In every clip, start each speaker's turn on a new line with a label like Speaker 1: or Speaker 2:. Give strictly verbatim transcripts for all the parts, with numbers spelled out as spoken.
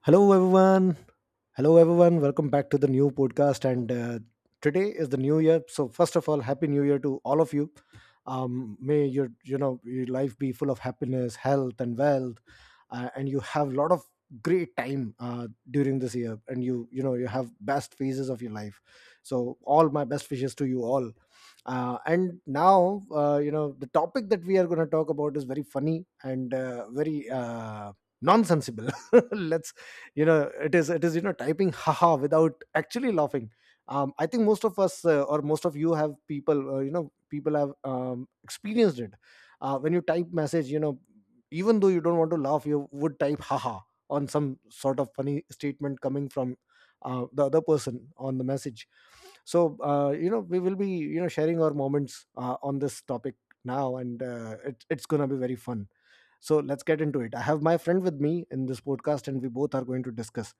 Speaker 1: Hello, everyone. Hello, everyone. Welcome back to the new podcast. And uh, Today is the new year. So, first of all, happy new year to all of you. Um, may your you know your life be full of happiness, health, and wealth, uh, and you have a lot of great time uh, during this year. And you you know you have best phases of your life. So, all my best wishes to you all. Uh, and now, uh, you know, The topic that we are going to talk about is very funny and uh, very uh, nonsensible. let's you know it is it is you know typing haha without actually laughing. um, I think most of us uh, or most of you have people uh, you know people have um, experienced it uh, when you type message. You know even though you don't want to laugh, you would type haha on some sort of funny statement coming from uh, the other person on the message. So uh, you know we will be you know sharing our moments uh, on this topic now, and uh, it, it's gonna be very fun. So let's get into it. I have my friend with me in this podcast and we both are going to discuss.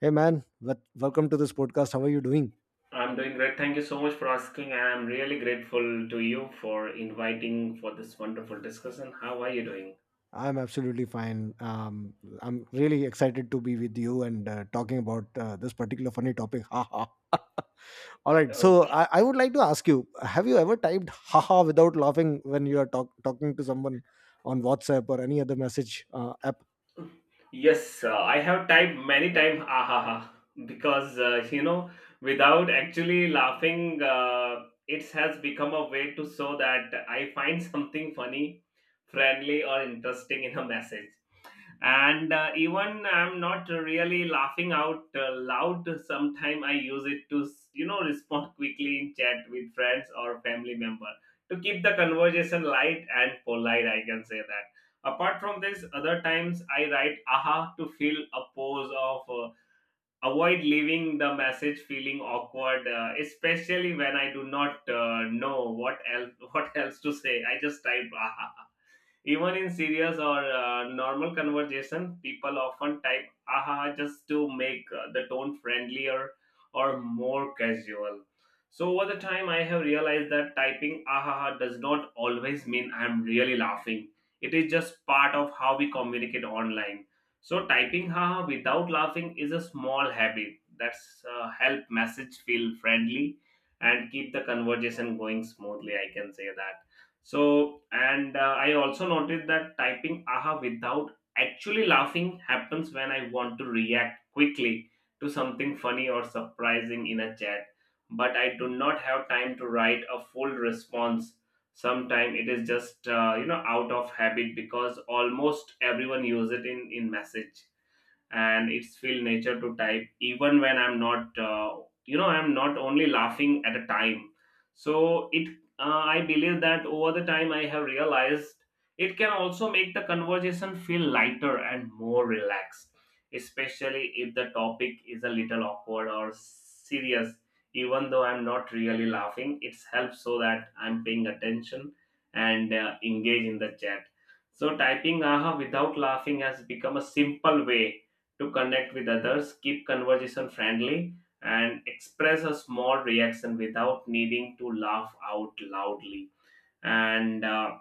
Speaker 1: Hey man, wel- welcome to this podcast. How are you doing?
Speaker 2: I'm doing great. Thank you so much for asking. I'm really grateful to you for inviting for this wonderful discussion. How are you doing?
Speaker 1: I'm absolutely fine. Um, I'm really excited to be with you and uh, talking about uh, this particular funny topic. Ha ha. All right. So
Speaker 2: Okay.
Speaker 1: I, I would like to ask you: Have you ever typed "ha ha" without laughing when you are talk- talking to someone on WhatsApp or any other message uh, app?
Speaker 2: Yes, uh, I have typed many times ahaha because uh, you know without actually laughing, uh, it has become a way to show that I find something funny, friendly, or interesting in a message. And uh, even I'm not really laughing out uh, loud sometime I use it to you know respond quickly in chat with friends or family member to keep the conversation light and polite, I can say that. Apart from this, other times I write aha to fill a pause of uh, avoid leaving the message feeling awkward, uh, especially when I do not uh, know what else what else to say, I just type aha. Even in serious or uh, normal conversation, people often type aha just to make uh, the tone friendlier or more casual. So over the time, I have realized that typing aha does not always mean I'm really laughing. It is just part of how we communicate online. So typing haha without laughing is a small habit that's uh, help message feel friendly and keep the conversation going smoothly. I can say that. So, and uh, I also noticed that typing aha without actually laughing happens when I want to react quickly to something funny or surprising in a chat, but I do not have time to write a full response. Sometimes it is just uh, you know out of habit because almost everyone use it in in message and it's feel nature to type even when I'm not uh, you know I'm not only laughing at a time. So it uh, I believe that over the time I have realized it can also make the conversation feel lighter and more relaxed, especially if the topic is a little awkward or serious. Even though I'm not really laughing, it's helps so that I'm paying attention and uh, engage in the chat. So typing aha without laughing has become a simple way to connect with others, keep conversation friendly, and express a small reaction without needing to laugh out loudly. And uh,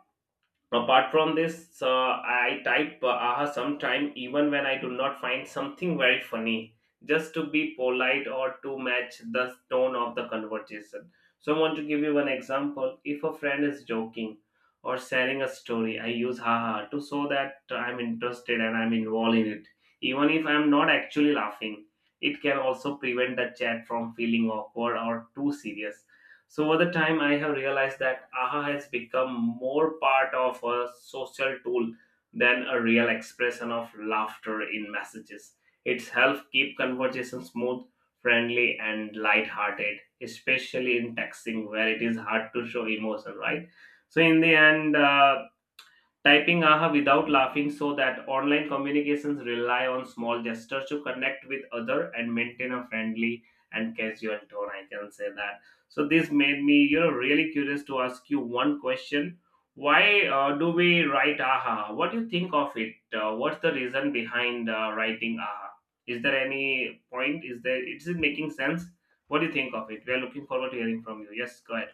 Speaker 2: Apart from this, uh, I type uh, aha sometime even when I do not find something very funny, just to be polite or to match the tone of the conversation. So I want to give you one example. If a friend is joking or sharing a story, I use haha to show that I'm interested and I'm involved in it. Even if I'm not actually laughing, it can also prevent the chat from feeling awkward or too serious. So over the time, I have realized that aha has become more part of a social tool than a real expression of laughter in messages. It's helped keep conversations smooth, friendly, and lighthearted, especially in texting where it is hard to show emotion, right? So in the end, uh, typing aha without laughing so that online communications rely on small gestures to connect with other and maintain a friendly and casual tone. I can say that. So this made me, you know, really curious to ask you one question. Why uh, do we write aha? What do you think of it? Uh, what's the reason behind uh, writing aha? Is there any point? Is there? Is it making sense? What do you think of it? We are looking forward to hearing from you. Yes, go ahead.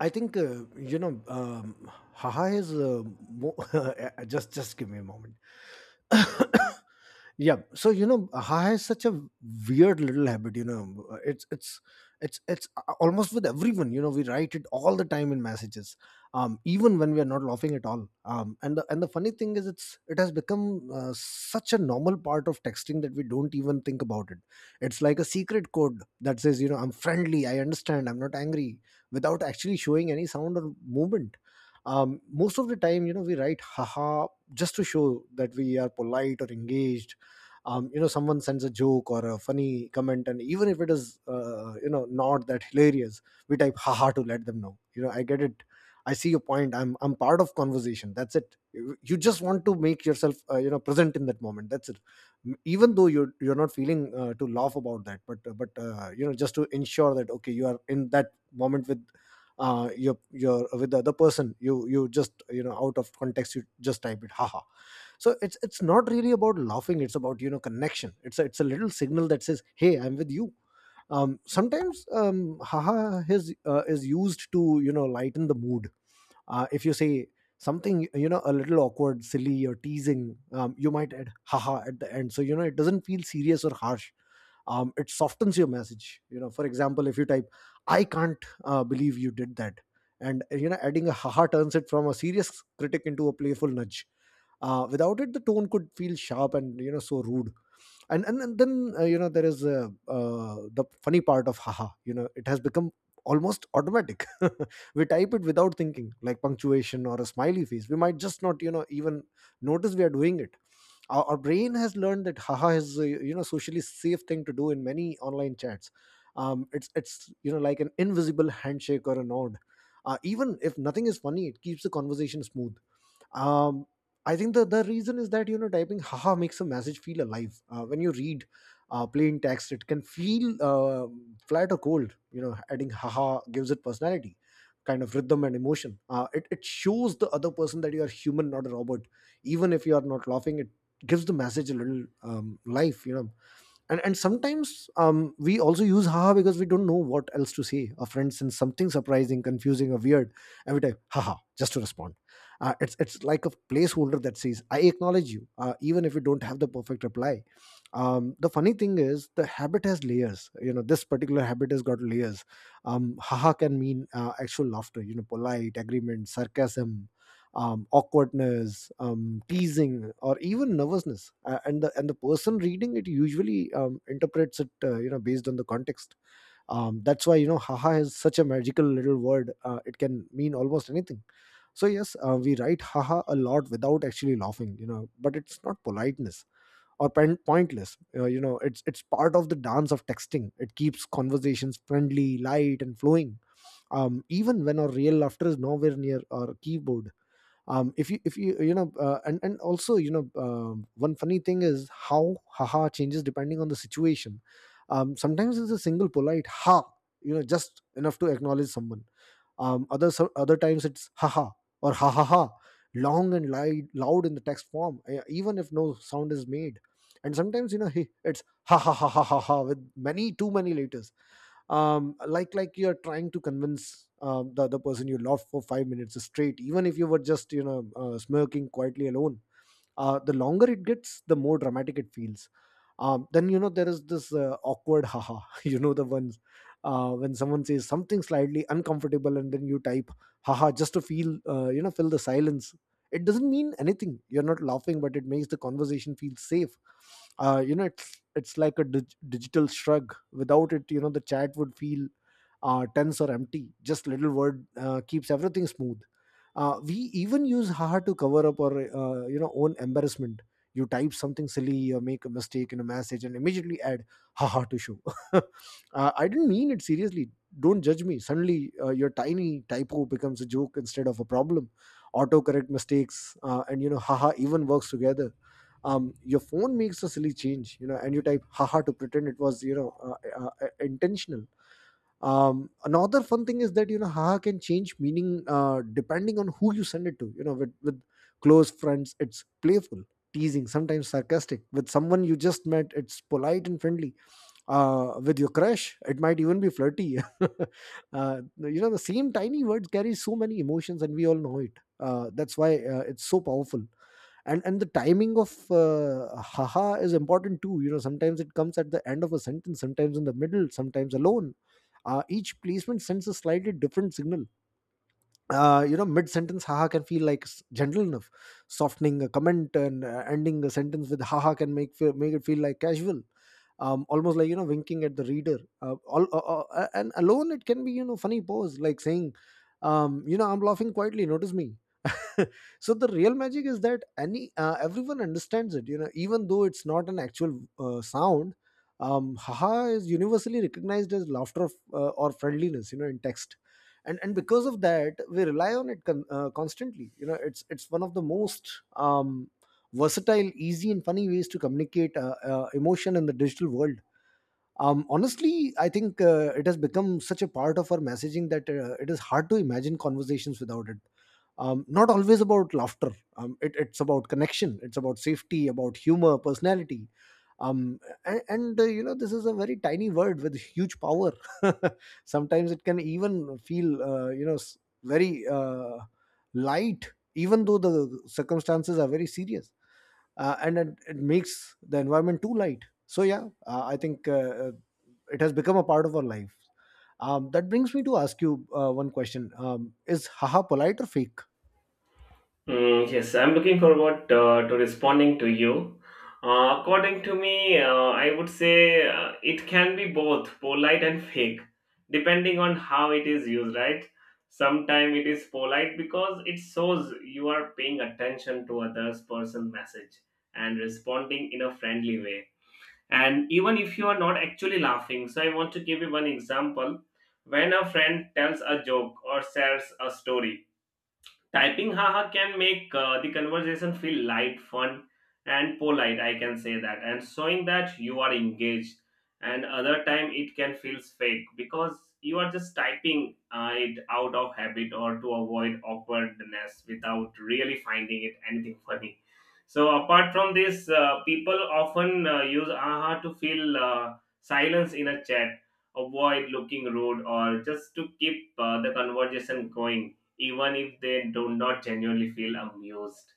Speaker 1: I think uh, you know, um, "ha ha" is uh, mo- just just give me a moment. Yeah, so you know ha is such a weird little habit. You know it's it's it's it's uh, Almost with everyone, you know we write it all the time in messages, um even when we are not laughing at all. Um and the and the funny thing is it's it has become uh, such a normal part of texting that we don't even think about it. It's like a secret code that says, you know I'm friendly, I understand, I'm not angry, without actually showing any sound or movement. Um most of the time, you know we write haha just to show that we are polite or engaged. Um, you know someone sends a joke or a funny comment, and even if it is uh, you know not that hilarious, we type haha to let them know, you know I get it, I see your point, i'm i'm part of conversation. That's it. You you just want to make yourself, uh, you know present in that moment. That's it. M- even though you're you're not feeling uh, to laugh about that, but uh, but uh, you know just to ensure that okay, you are in that moment with uh your your with the other person. You you just, you know out of context, you just type it: haha. So it's it's not really about laughing. It's about, you know connection. It's a, it's a little signal that says hey, I'm with you. Um, sometimes, um, haha is, uh, is used to, you know lighten the mood. Uh, if you say something, you know a little awkward, silly, or teasing, um, you might add haha at the end so, you know it doesn't feel serious or harsh. Um, it softens your message. You know for example, if you type, I can't uh, believe you did that, and, you know adding a haha turns it from a serious critic into a playful nudge. Uh, without it, the tone could feel sharp and, you know so rude. And and, and then uh, you know there is uh, uh, the funny part of haha. You know it has become almost automatic. We type it without thinking, like punctuation or a smiley face. We might just not, you know even notice we are doing it. Our, our brain has learned that haha is a, you know socially safe thing to do in many online chats. Um, it's it's you know like an invisible handshake or a nod. Uh, even if nothing is funny, it keeps the conversation smooth. um I think the the reason is that, you know typing haha makes a message feel alive. Uh, when you read uh, plain text, it can feel uh, flat or cold. You know adding haha gives it personality, kind of rhythm and emotion. Uh, it, it shows the other person that you are human, not a robot. Even if you are not laughing, it gives the message a little, um, life, you know and and sometimes, um, we also use haha because we don't know what else to say. A friend sends something surprising, confusing, or weird, and we type haha just to respond. Uh, it's it's like a placeholder that says I acknowledge you, uh, even if you don't have the perfect reply. Um, the funny thing is the habit has layers. You know this particular habit has got layers. Um, haha can mean uh, actual laughter. You know polite agreement, sarcasm, um, awkwardness, um, teasing, or even nervousness. Uh, and the and the person reading it usually, um, interprets it, uh, you know, based on the context. Um, that's why, you know, haha is such a magical little word. Uh, it can mean almost anything. So yes, uh, we write haha a lot without actually laughing, you know, but it's not politeness or pen- pointless. Uh, you know, it's it's part of the dance of texting. It keeps conversations friendly, light, and flowing. Um, even when our real laughter is nowhere near our keyboard. Um if you if you you know uh, and and also, you know um one funny thing is how haha changes depending on the situation. Um sometimes it's a single polite ha, you know just enough to acknowledge someone. Um other so- other times it's haha, or ha ha ha, long and loud loud in the text form, uh, even if no sound is made. And sometimes, you know hey, it's ha ha ha ha ha ha with many too many letters, um, like like you're trying to convince, um, the other person you love for five minutes straight, even if you were just, you know uh, smirking quietly alone. Uh, the longer it gets, the more dramatic it feels. Um, then, you know there is this uh, awkward haha. You know the ones, uh, when someone says something slightly uncomfortable and then you type haha just to feel uh, you know fill the silence. It doesn't mean anything, you're not laughing, but it makes the conversation feel safe. Uh, you know it's it's like a dig- digital shrug. Without it, you know the chat would feel uh, tense or empty. Just little word, uh, keeps everything smooth. Uh, we even use haha to cover up our, uh, you know own embarrassment. You type something silly or make a mistake in a message and immediately add haha to show uh, I didn't mean it seriously, don't judge me. Suddenly, uh, your tiny typo becomes a joke instead of a problem. Autocorrect mistakes, uh, and you know haha even works together. Um, your phone makes a silly change, you know and you type haha to pretend it was, you know uh, uh, uh, intentional. Um another fun thing is that, you know haha can change meaning uh depending on who you send it to. You know with with close friends, it's playful, teasing, sometimes sarcastic. With someone you just met, it's polite and friendly. Uh with your crush, it might even be flirty. Uh you know the same tiny words carry so many emotions and we all know it. Uh that's why, uh, it's so powerful. And and the timing of, uh, haha is important too. You know sometimes it comes at the end of a sentence, sometimes in the middle, sometimes alone. Uh, each placement sends a slightly different signal. Uh, you know, mid sentence, haha can feel like s- gentle enough. Softening a comment and uh, ending a sentence with haha can make fe- make it feel like casual um, almost like you know winking at the reader uh, all, uh, uh, and alone it can be you know funny pose like saying um, you know I'm laughing quietly, notice me. So the real magic is that any uh, everyone understands it, you know, even though it's not an actual uh, sound. Um, haha is universally recognized as laughter of, uh, or friendliness, you know, in text. And and because of that, we rely on it con- uh, constantly. You know, it's it's one of the most um, versatile, easy and funny ways to communicate uh, uh, emotion in the digital world. Um, honestly, I think uh, it has become such a part of our messaging that uh, it is hard to imagine conversations without it. Um, not always about laughter. Um, it, it's about connection. It's about safety, about humor, personality. Um, and, and uh, you know, this is a very tiny word with huge power. Sometimes it can even feel, uh, you know, s- very uh, light, even though the circumstances are very serious. Uh, and it, it makes the environment too light. So yeah, uh, I think uh, uh, it has become a part of our life. Um, that brings me to ask you uh, one question: um, is haha polite or fake?
Speaker 2: Mm, yes, I'm looking forward uh, to responding to you. Uh, according to me, uh, I would say uh, it can be both polite and fake, depending on how it is used, right? Sometimes it is polite because it shows you are paying attention to others' person message and responding in a friendly way. And even if you are not actually laughing, so I want to give you one example. When a friend tells a joke or shares a story, typing haha can make uh, the conversation feel light, fun, and polite. I can say that, and showing that you are engaged. And other time it can feel fake because you are just typing uh, it out of habit or to avoid awkwardness without really finding it anything funny. So apart from this, uh, people often uh, use aha to fill uh, silence in a chat, avoid looking rude, or just to keep uh, the conversation going even if they do not genuinely feel amused.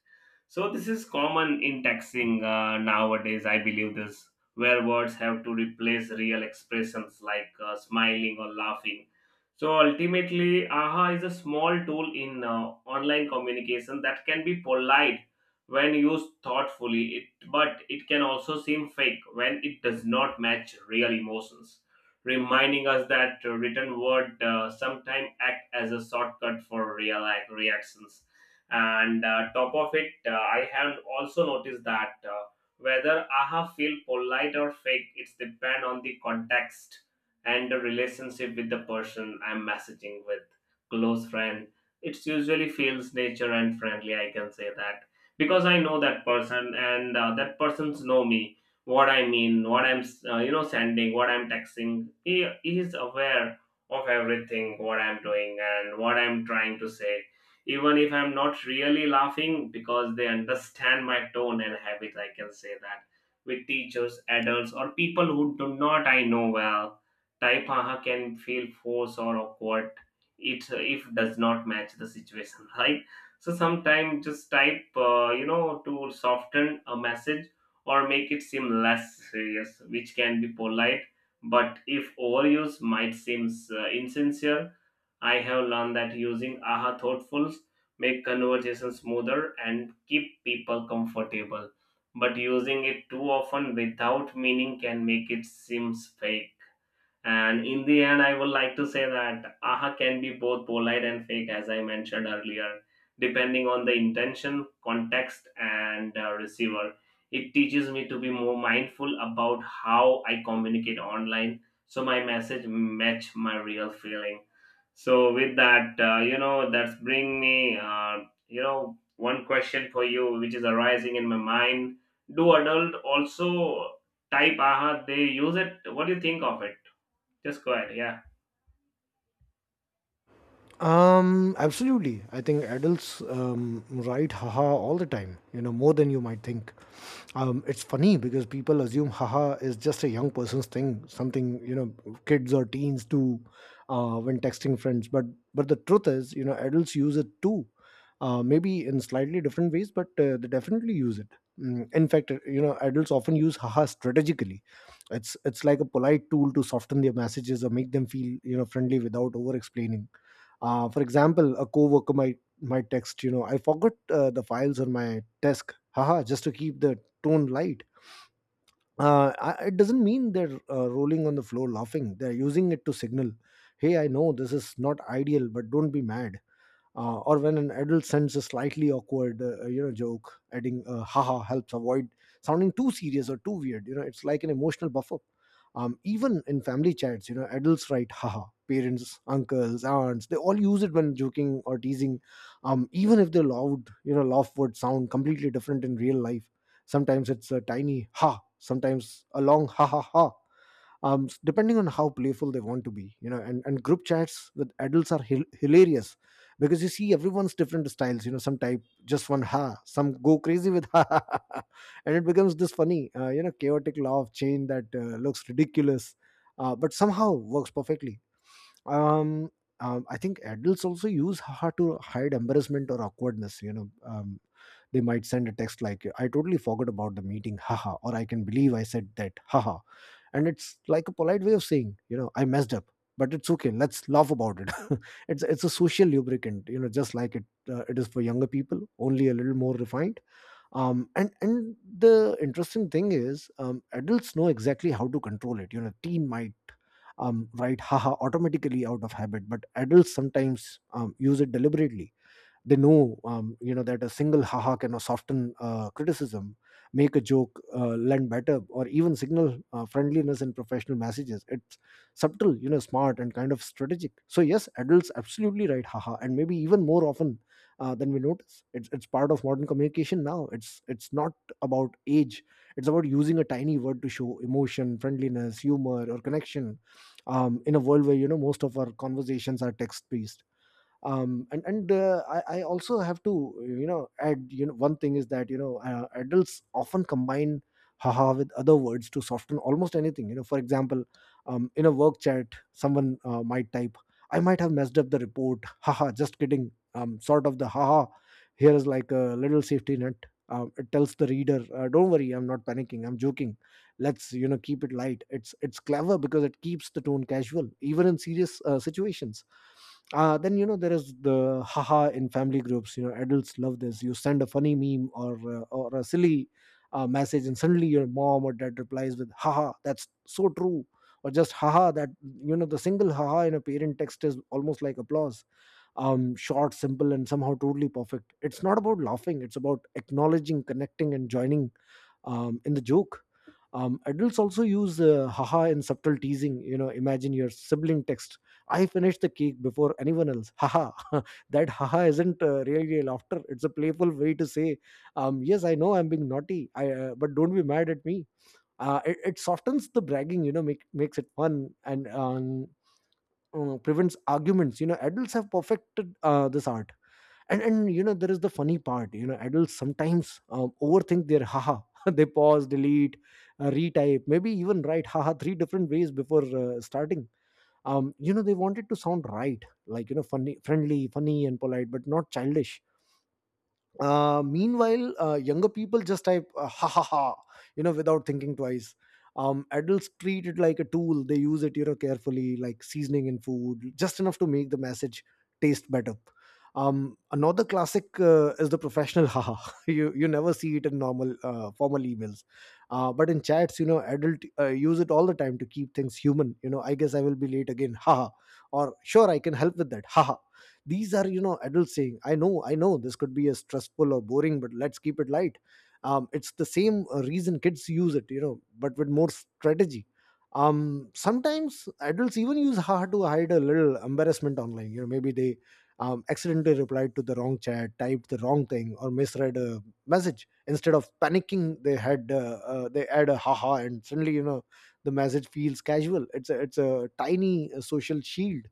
Speaker 2: So this is common in texting uh, nowadays. I believe this, where words have to replace real expressions like uh, smiling or laughing. So ultimately, aha is a small tool in uh, online communication that can be polite when used thoughtfully, it, but it can also seem fake when it does not match real emotions, reminding us that uh, written word uh, sometimes act as a shortcut for real life reactions. And uh, top of it, uh, I have also noticed that uh, whether aha feel polite or fake, it's depend on the context and the relationship with the person I'm messaging with, close friend. It's usually feels nature and friendly. I can say that because I know that person and uh, that person's know me what I mean, what I'm uh, you know sending, what I'm texting. He, he is aware of everything what I'm doing and what I'm trying to say. Even if I'm not really laughing, because they understand my tone and habit, I can say that. With teachers, adults, or people who do not I know well, type haha can feel forced or awkward. It if does not match the situation, right? So sometimes just type, uh, you know, to soften a message or make it seem less serious, which can be polite, but if overuse might seem uh, insincere. I have learned that using aha thoughtfuls make conversation smoother and keep people comfortable, but using it too often without meaning can make it seem fake. And in the end, I would like to say that aha can be both polite and fake, as I mentioned earlier, depending on the intention, context, and uh, receiver. It teaches me to be more mindful about how I communicate online, so my message match my real feeling. So with that, uh, you know, that's bring me, uh, you know, one question for you, which is arising in my mind. Do adult also type aha? They use it. What do you think of it? Just go ahead. Yeah.
Speaker 1: Um, absolutely. I think adults um, write haha all the time, you know, more than you might think. Um, it's funny because people assume haha is just a young person's thing, something, you know, kids or teens do uh, when texting friends. But but the truth is, you know, adults use it too, uh, maybe in slightly different ways, but uh, they definitely use it. Mm. In fact, uh, you know, adults often use haha strategically. It's it's like a polite tool to soften their messages or make them feel, you know, friendly without over explaining. Uh, for example, a coworker might might text, you know, "I forgot uh, the files on my desk, haha," just to keep the tone light. Uh, I, it doesn't mean they're uh, rolling on the floor laughing. They're using it to signal, hey, I know this is not ideal, but don't be mad. Uh, or when an adult sends a slightly awkward uh, uh, you know, joke, adding uh, haha helps avoid sounding too serious or too weird. You know, it's like an emotional buffer. Um, even in family chats, you know, adults write haha. Parents, uncles, aunts, they all use it when joking or teasing. Um, even if the loud, you know, laugh would sound completely different in real life. Sometimes it's a tiny ha, sometimes a long ha ha ha, um, s- depending on how playful they want to be. You know, and, and group chats with adults are hil- hilarious, because you see everyone's different styles. You know, some type just one ha, some go crazy with ha ha, ha, ha," and it becomes this funny, uh, you know, chaotic law of chain that uh, looks ridiculous, uh, but somehow works perfectly. um, um, I think adults also use ha ha to hide embarrassment or awkwardness, you know. Um, they might send a text like, "I totally forgot about the meeting, haha," or "I can believe I said that, haha." And it's like a polite way of saying, you know, I messed up, but it's okay. Let's laugh about it. it's it's a social lubricant, you know, just like it uh, it is for younger people, only a little more refined. Um, and and the interesting thing is, um, adults know exactly how to control it. You know, teen might um, write haha automatically out of habit, but adults sometimes um, use it deliberately. They know, um, you know, that a single haha can soften uh, criticism, make a joke uh, land better, or even signal uh, friendliness in professional messages. It's subtle, you know, smart and kind of strategic. So yes, adults absolutely write haha, and maybe even more often uh, than we notice. It's it's part of modern communication now. It's it's not about age. It's about using a tiny word to show emotion, friendliness, humor, or connection um, in a world where, you know, most of our conversations are text based. um and and uh, I, I also have to, you know, add, you know, one thing is that, you know, uh, adults often combine haha with other words to soften almost anything. You know, for example, um, in a work chat, someone uh, might type, "I might have messed up the report," haha, just kidding. Um, sort of the haha here is like a little safety net. Um, it tells the reader, uh, don't worry, I'm not panicking, I'm joking, let's, you know, keep it light. It's it's clever because it keeps the tone casual even in serious uh, situations. Uh, then, you know, there is the haha in family groups. You know, adults love this. You send a funny meme or uh, or a silly uh, message, and suddenly your mom or dad replies with "haha, that's so true," or just haha. That, you know, the single haha in a parent text is almost like applause. Um short, simple and somehow totally perfect. It's not about laughing, it's about acknowledging, connecting and joining um in the joke. Um, adults also use uh, haha in subtle teasing. You know, imagine your sibling text, "I finished the cake before anyone else, haha." That haha isn't uh, really a laughter, it's a playful way to say, um, yes, I know I'm being naughty, I, uh, but don't be mad at me. Uh, it, it softens the bragging, you know, make, makes it fun and um, uh, prevents arguments. You know, adults have perfected uh, this art. and and you know, there is the funny part. You know, adults sometimes um, overthink their haha. They pause, delete, uh, retype, maybe even write haha three different ways before uh, starting. Um you know, they want it to sound right, like, you know, funny, friendly, funny and polite, but not childish. Uh, meanwhile, uh, younger people just type, uh, ha ha ha, you know, without thinking twice. Um, adults treat it like a tool. They use it, you know, carefully, like seasoning in food, just enough to make the message taste better. Um, another classic uh, is the professional ha ha. You you never see it in normal uh, formal emails, uh, but in chats, you know, adult uh, use it all the time to keep things human. You know, "I guess I will be late again, ha ha," or "sure I can help with that, ha ha." These are, you know, adults saying, i know I know this could be a stressful or boring, but let's keep it light. Um, it's the same uh, reason kids use it, you know, but with more strategy. Um, sometimes adults even use haha to hide a little embarrassment online. You know, maybe they um, accidentally replied to the wrong chat, typed the wrong thing or misread a message. Instead of panicking, they had uh, uh, they add a haha, and suddenly, you know, the message feels casual. It's a it's a tiny uh, social shield.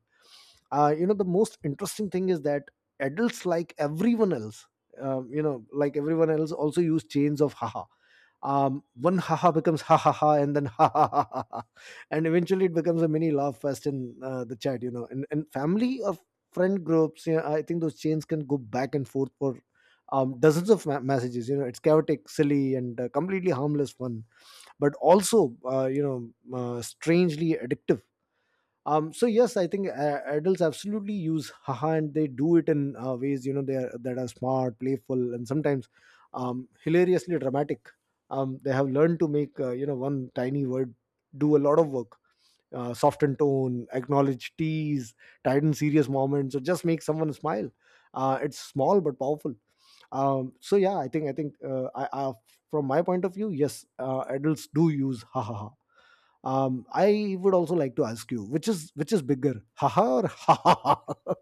Speaker 1: uh, You know, the most interesting thing is that adults, like everyone else, um, you know like everyone else also use chains of haha. Um, one haha becomes ha ha ha, and then ha ha ha ha ha, and eventually it becomes a mini laugh fest in uh, the chat. You know, and, and family or friend groups, you know, I think those chains can go back and forth for um, dozens of ma- messages. You know, it's chaotic, silly and uh, completely harmless fun, but also, uh, you know uh, strangely addictive. Um so yes, I think uh, adults absolutely use haha, and they do it in uh, ways, you know, they are that are smart, playful and sometimes um hilariously dramatic. Um they have learned to make, uh, you know, one tiny word do a lot of work: uh, soften tone, acknowledge, tease, tighten serious moments, or just make someone smile. Uh, it's small but powerful. Um so yeah, i think I think, uh, I, I from my point of view, yes, uh, adults do use haha. um, I would also like to ask you, which is which is bigger, haha or ha ha ha?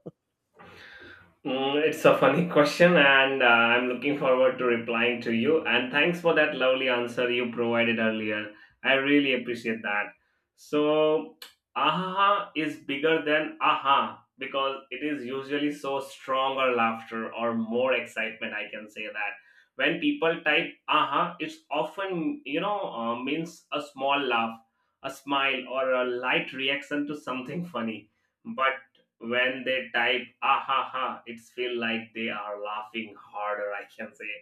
Speaker 2: Mm, it's a funny question, and uh, I'm looking forward to replying to you. And thanks for that lovely answer you provided earlier. I really appreciate that. So, aha is bigger than aha because it is usually so stronger laughter or more excitement. I can say that when people type aha, it's often you know uh, means a small laugh, a smile, or a light reaction to something funny. But when they type ah ha ha, it's feel like they are laughing harder, I can say.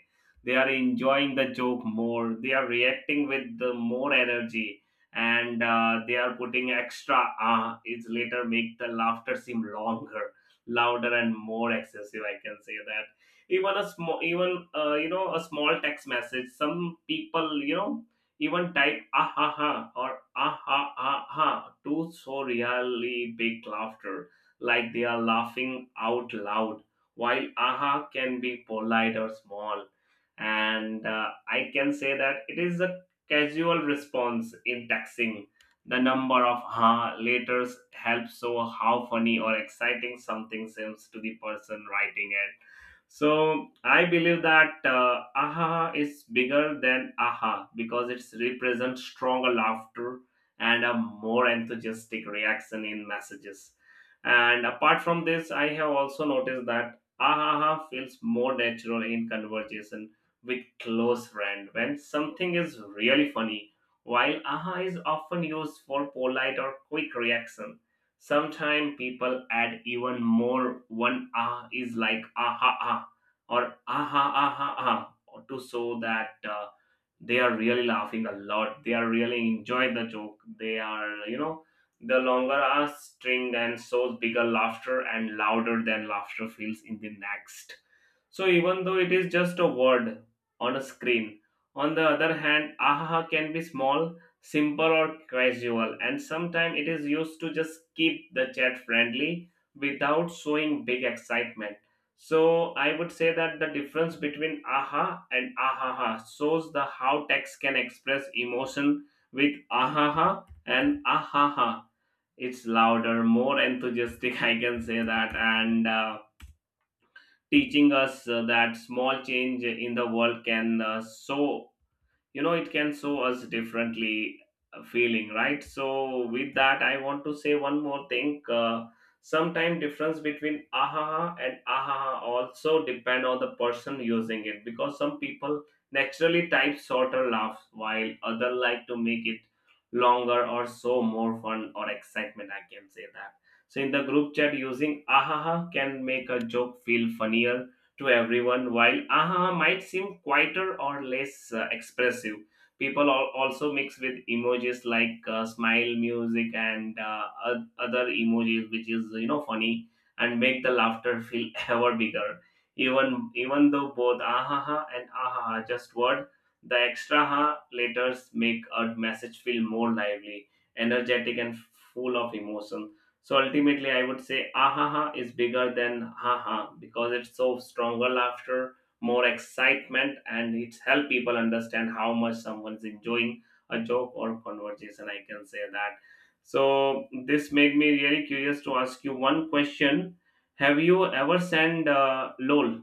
Speaker 2: They are enjoying the joke more, they are reacting with the more energy, and uh, they are putting extra ah, it's later make the laughter seem longer, louder, and more excessive, I can say that. Even a small even uh, you know a small text message, some people you know even type ah ha ha or ah ha ha ha to so really big laughter, like they are laughing out loud, while aha can be polite or small. And uh, I can say that it is a casual response in texting. The number of ha letters helps show how funny or exciting something seems to the person writing it. So I believe that uh, aha is bigger than aha because it represents stronger laughter and a more enthusiastic reaction in messages. And apart from this, I have also noticed that ahaha feels more natural in conversation with close friend when something is really funny, while aha is often used for polite or quick reaction. Sometimes people add even more one ah is like aha ah or aha aha ah to show that uh, they are really laughing a lot, they are really enjoy the joke, they are you know the longer our string and so bigger laughter and louder than laughter feels in the next. So even though it is just a word on a screen, on the other hand, ahaha can be small, simple or casual, and sometimes it is used to just keep the chat friendly without showing big excitement. So I would say that the difference between aha and ahaha shows the how text can express emotion with ahaha and ahaha. It's louder, more enthusiastic, I can say that, and uh, teaching us uh, that small change in the world can uh, so you know it can show us differently uh, feeling, right? So with that I want to say one more thing, uh, sometime difference between ahaha and ahaha also depend on the person using it because some people naturally type shorter laughs while other like to make it longer or so more fun or excitement, I can say that. So in the group chat using ahaha can make a joke feel funnier to everyone. While aha might seem quieter or less uh, expressive, people al- also mix with emojis like uh, smile music and uh, oth- other emojis, which is you know funny and make the laughter feel ever bigger. Even even though both aha and aha are just word, the extra ha letters make a message feel more lively, energetic, and full of emotions. So ultimately, I would say ahaha is bigger than haha because it's so stronger laughter, more excitement, and it's help people understand how much someone's enjoying a joke or conversation. I can say that. So this made me really curious to ask you one question. Have you ever sent uh, L O L?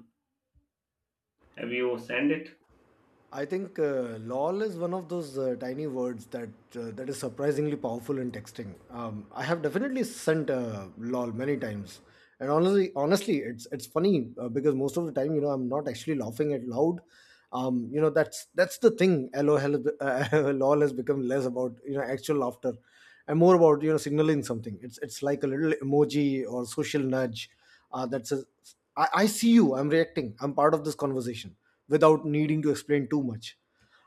Speaker 2: Have you sent it?
Speaker 1: I think uh, LOL is one of those uh, tiny words that uh, that is surprisingly powerful in texting. Um, I have definitely sent uh, LOL many times, and honestly, honestly, it's it's funny uh, because most of the time, you know, I'm not actually laughing out loud. Um, you know, that's that's the thing. LOL, uh, LOL has become less about, you know, actual laughter, and more about, you know, signaling something. It's it's like a little emoji or social nudge Uh, that says, I, "I see you. I'm reacting. I'm part of this conversation," without needing to explain too much.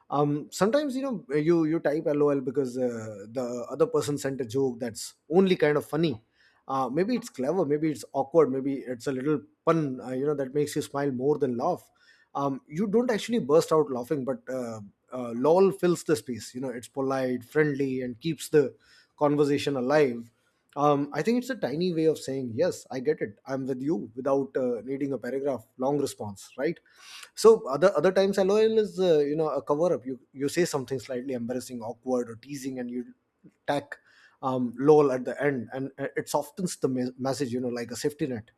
Speaker 1: um Sometimes, you know, you you type LOL because uh, the other person sent a joke that's only kind of funny. Uh, maybe it's clever, maybe it's awkward, maybe it's a little pun, uh, you know, that makes you smile more than laugh. Um you don't actually burst out laughing, but uh, uh, LOL fills the space. You know, it's polite, friendly and keeps the conversation alive. um, I think it's a tiny way of saying, yes, I get it. I'm with you without uh, needing a paragraph, long response, right? So other other times, LOL is uh, you know a cover up. You you say something slightly embarrassing, awkward, or teasing, and you tack um, LOL at the end, and uh, it softens the me- message. You know, like a safety net.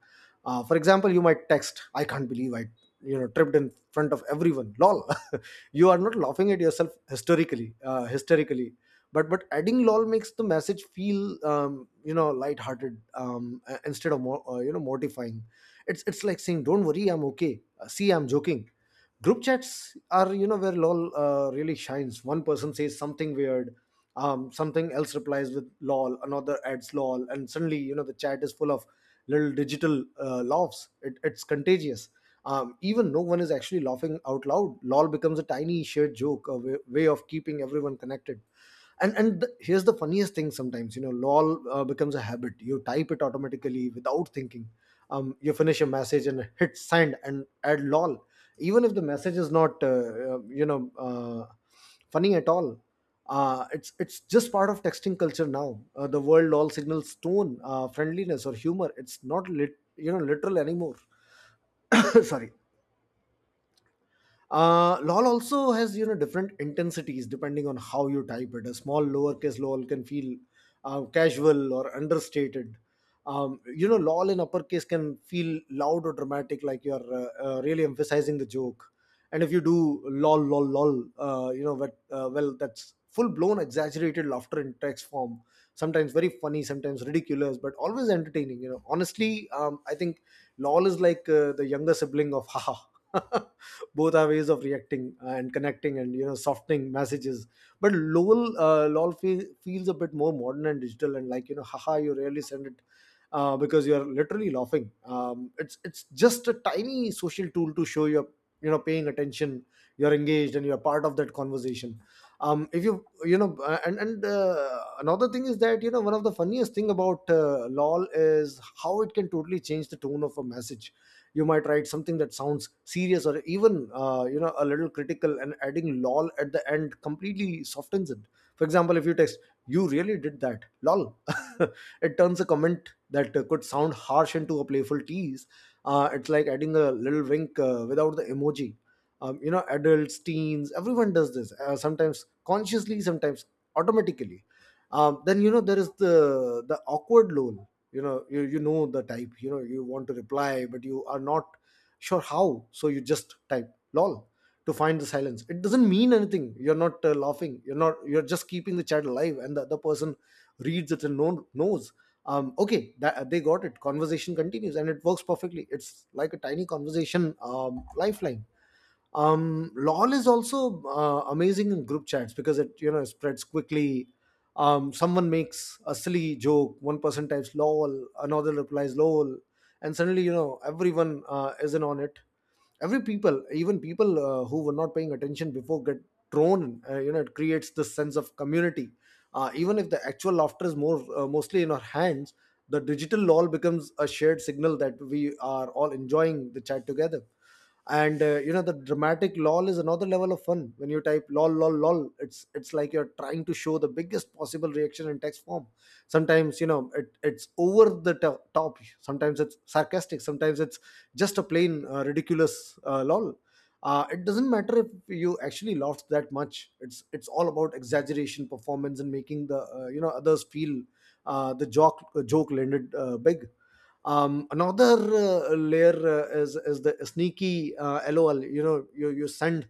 Speaker 1: Uh, for example, you might text, "I can't believe I you know tripped in front of everyone." LOL. You are not laughing at yourself hysterically. Uh, hysterically but but adding lol makes the message feel um, you know lighthearted, um, a- instead of more uh, you know mortifying. It's it's like saying, don't worry, I'm okay. Uh, see, I'm joking. Group chats are, you know, where lol uh, really shines. One person says something weird, um, something else replies with lol, another adds lol, and suddenly, you know, the chat is full of little digital uh, laughs. It, it's contagious. Um, even no one is actually laughing out loud, lol becomes a tiny shared joke, a way, way of keeping everyone connected. And and the, here's the funniest thing: sometimes, you know, lol uh, becomes a habit. You type it automatically without thinking. Um, you finish a message and hit send and add lol, even if the message is not uh, uh, you know uh, funny at all. Uh, it's it's just part of texting culture now. Uh, the world all signals tone, uh, friendliness, or humor. It's not lit, you know literal anymore. Sorry. Uh, lol also has, you know, different intensities depending on how you type it. A small lowercase lol can feel uh, casual or understated. Um, you know, lol in uppercase can feel loud or dramatic, like you're uh, uh, really emphasizing the joke. And if you do lol lol lol, uh, you know but, uh, well, that's full blown exaggerated laughter in text form. Sometimes very funny, sometimes ridiculous, but always entertaining, you know. Honestly, um, I think lol is like uh, the younger sibling of haha. Both are ways of reacting and connecting and, you know, softening messages. But lol, uh, lol fe- feels a bit more modern and digital, and like, you know, haha you really send it uh, because you're literally laughing. Um, it's it's just a tiny social tool to show you're, you know, paying attention, you're engaged, and you're part of that conversation. Um, if you you know uh, and and uh, Another thing is that, you know, one of the funniest thing about uh, lol is how it can totally change the tone of a message. You might write something that sounds serious or even uh, you know a little critical, and adding lol at the end completely softens it. For example, if you text, you really did that lol, it turns a comment that uh, could sound harsh into a playful tease. Uh, it's like adding a little wink uh, without the emoji. Um, you know, adults, teens, everyone does this, uh, sometimes consciously, sometimes automatically. Um, then, you know, there is the the awkward lol. You know, you, you know the type. You know you want to reply but you are not sure how, so you just type lol to find the silence. It doesn't mean anything. You're not uh, laughing, you're not, you're just keeping the chat alive, and the other person reads it and no, knows, um, okay, that, uh, they got it. Conversation continues and it works perfectly. It's like a tiny conversation um, lifeline. Um lol is also uh, amazing in group chats because it, you know, spreads quickly. Um someone makes a silly joke, one person types lol, another replies lol, and suddenly, you know, everyone uh, is in on it. Every people, even people uh, who were not paying attention before, get thrown in. Uh, you know, it creates this sense of community, uh, even if the actual laughter is more uh, mostly in our hands. The digital lol becomes a shared signal that we are all enjoying the chat together. And uh, you know, the dramatic lol is another level of fun. When you type lol lol lol, it's it's like you're trying to show the biggest possible reaction in text form. Sometimes, you know, it, it's over the to- top, sometimes it's sarcastic, sometimes it's just a plain uh, ridiculous uh, lol. Uh, it doesn't matter if you actually laughed that much. It's it's all about exaggeration, performance, and making the uh, you know others feel uh, the joke joke landed uh, big. Um, another uh, layer uh, is is the sneaky uh, lol. You know, you you send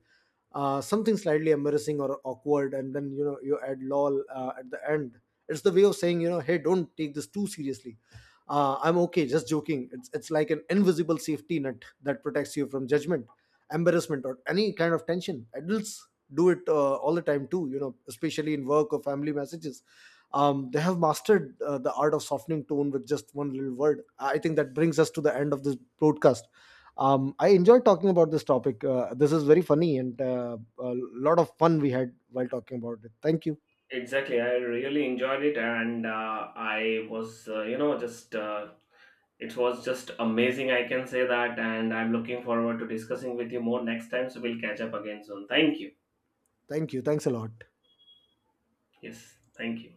Speaker 1: uh, something slightly embarrassing or awkward, and then, you know, you add lol uh, at the end. It's the way of saying, you know, hey, don't take this too seriously, uh, I'm okay, just joking. It's it's like an invisible safety net that protects you from judgment, embarrassment, or any kind of tension. Adults do it uh, all the time too, you know, especially in work or family messages. Um, they have mastered uh, the art of softening tone with just one little word. I think that brings us to the end of this broadcast. Um, I enjoyed talking about this topic. Uh, this is very funny and uh, a lot of fun we had while talking about it. Thank you.
Speaker 2: Exactly, I really enjoyed it, and uh, I was, uh, you know, just uh, it was just amazing, I can say that, and I'm looking forward to discussing with you more next time. So we'll catch up again soon. Thank you.
Speaker 1: Thank you. Thanks a lot.
Speaker 2: Yes, thank you.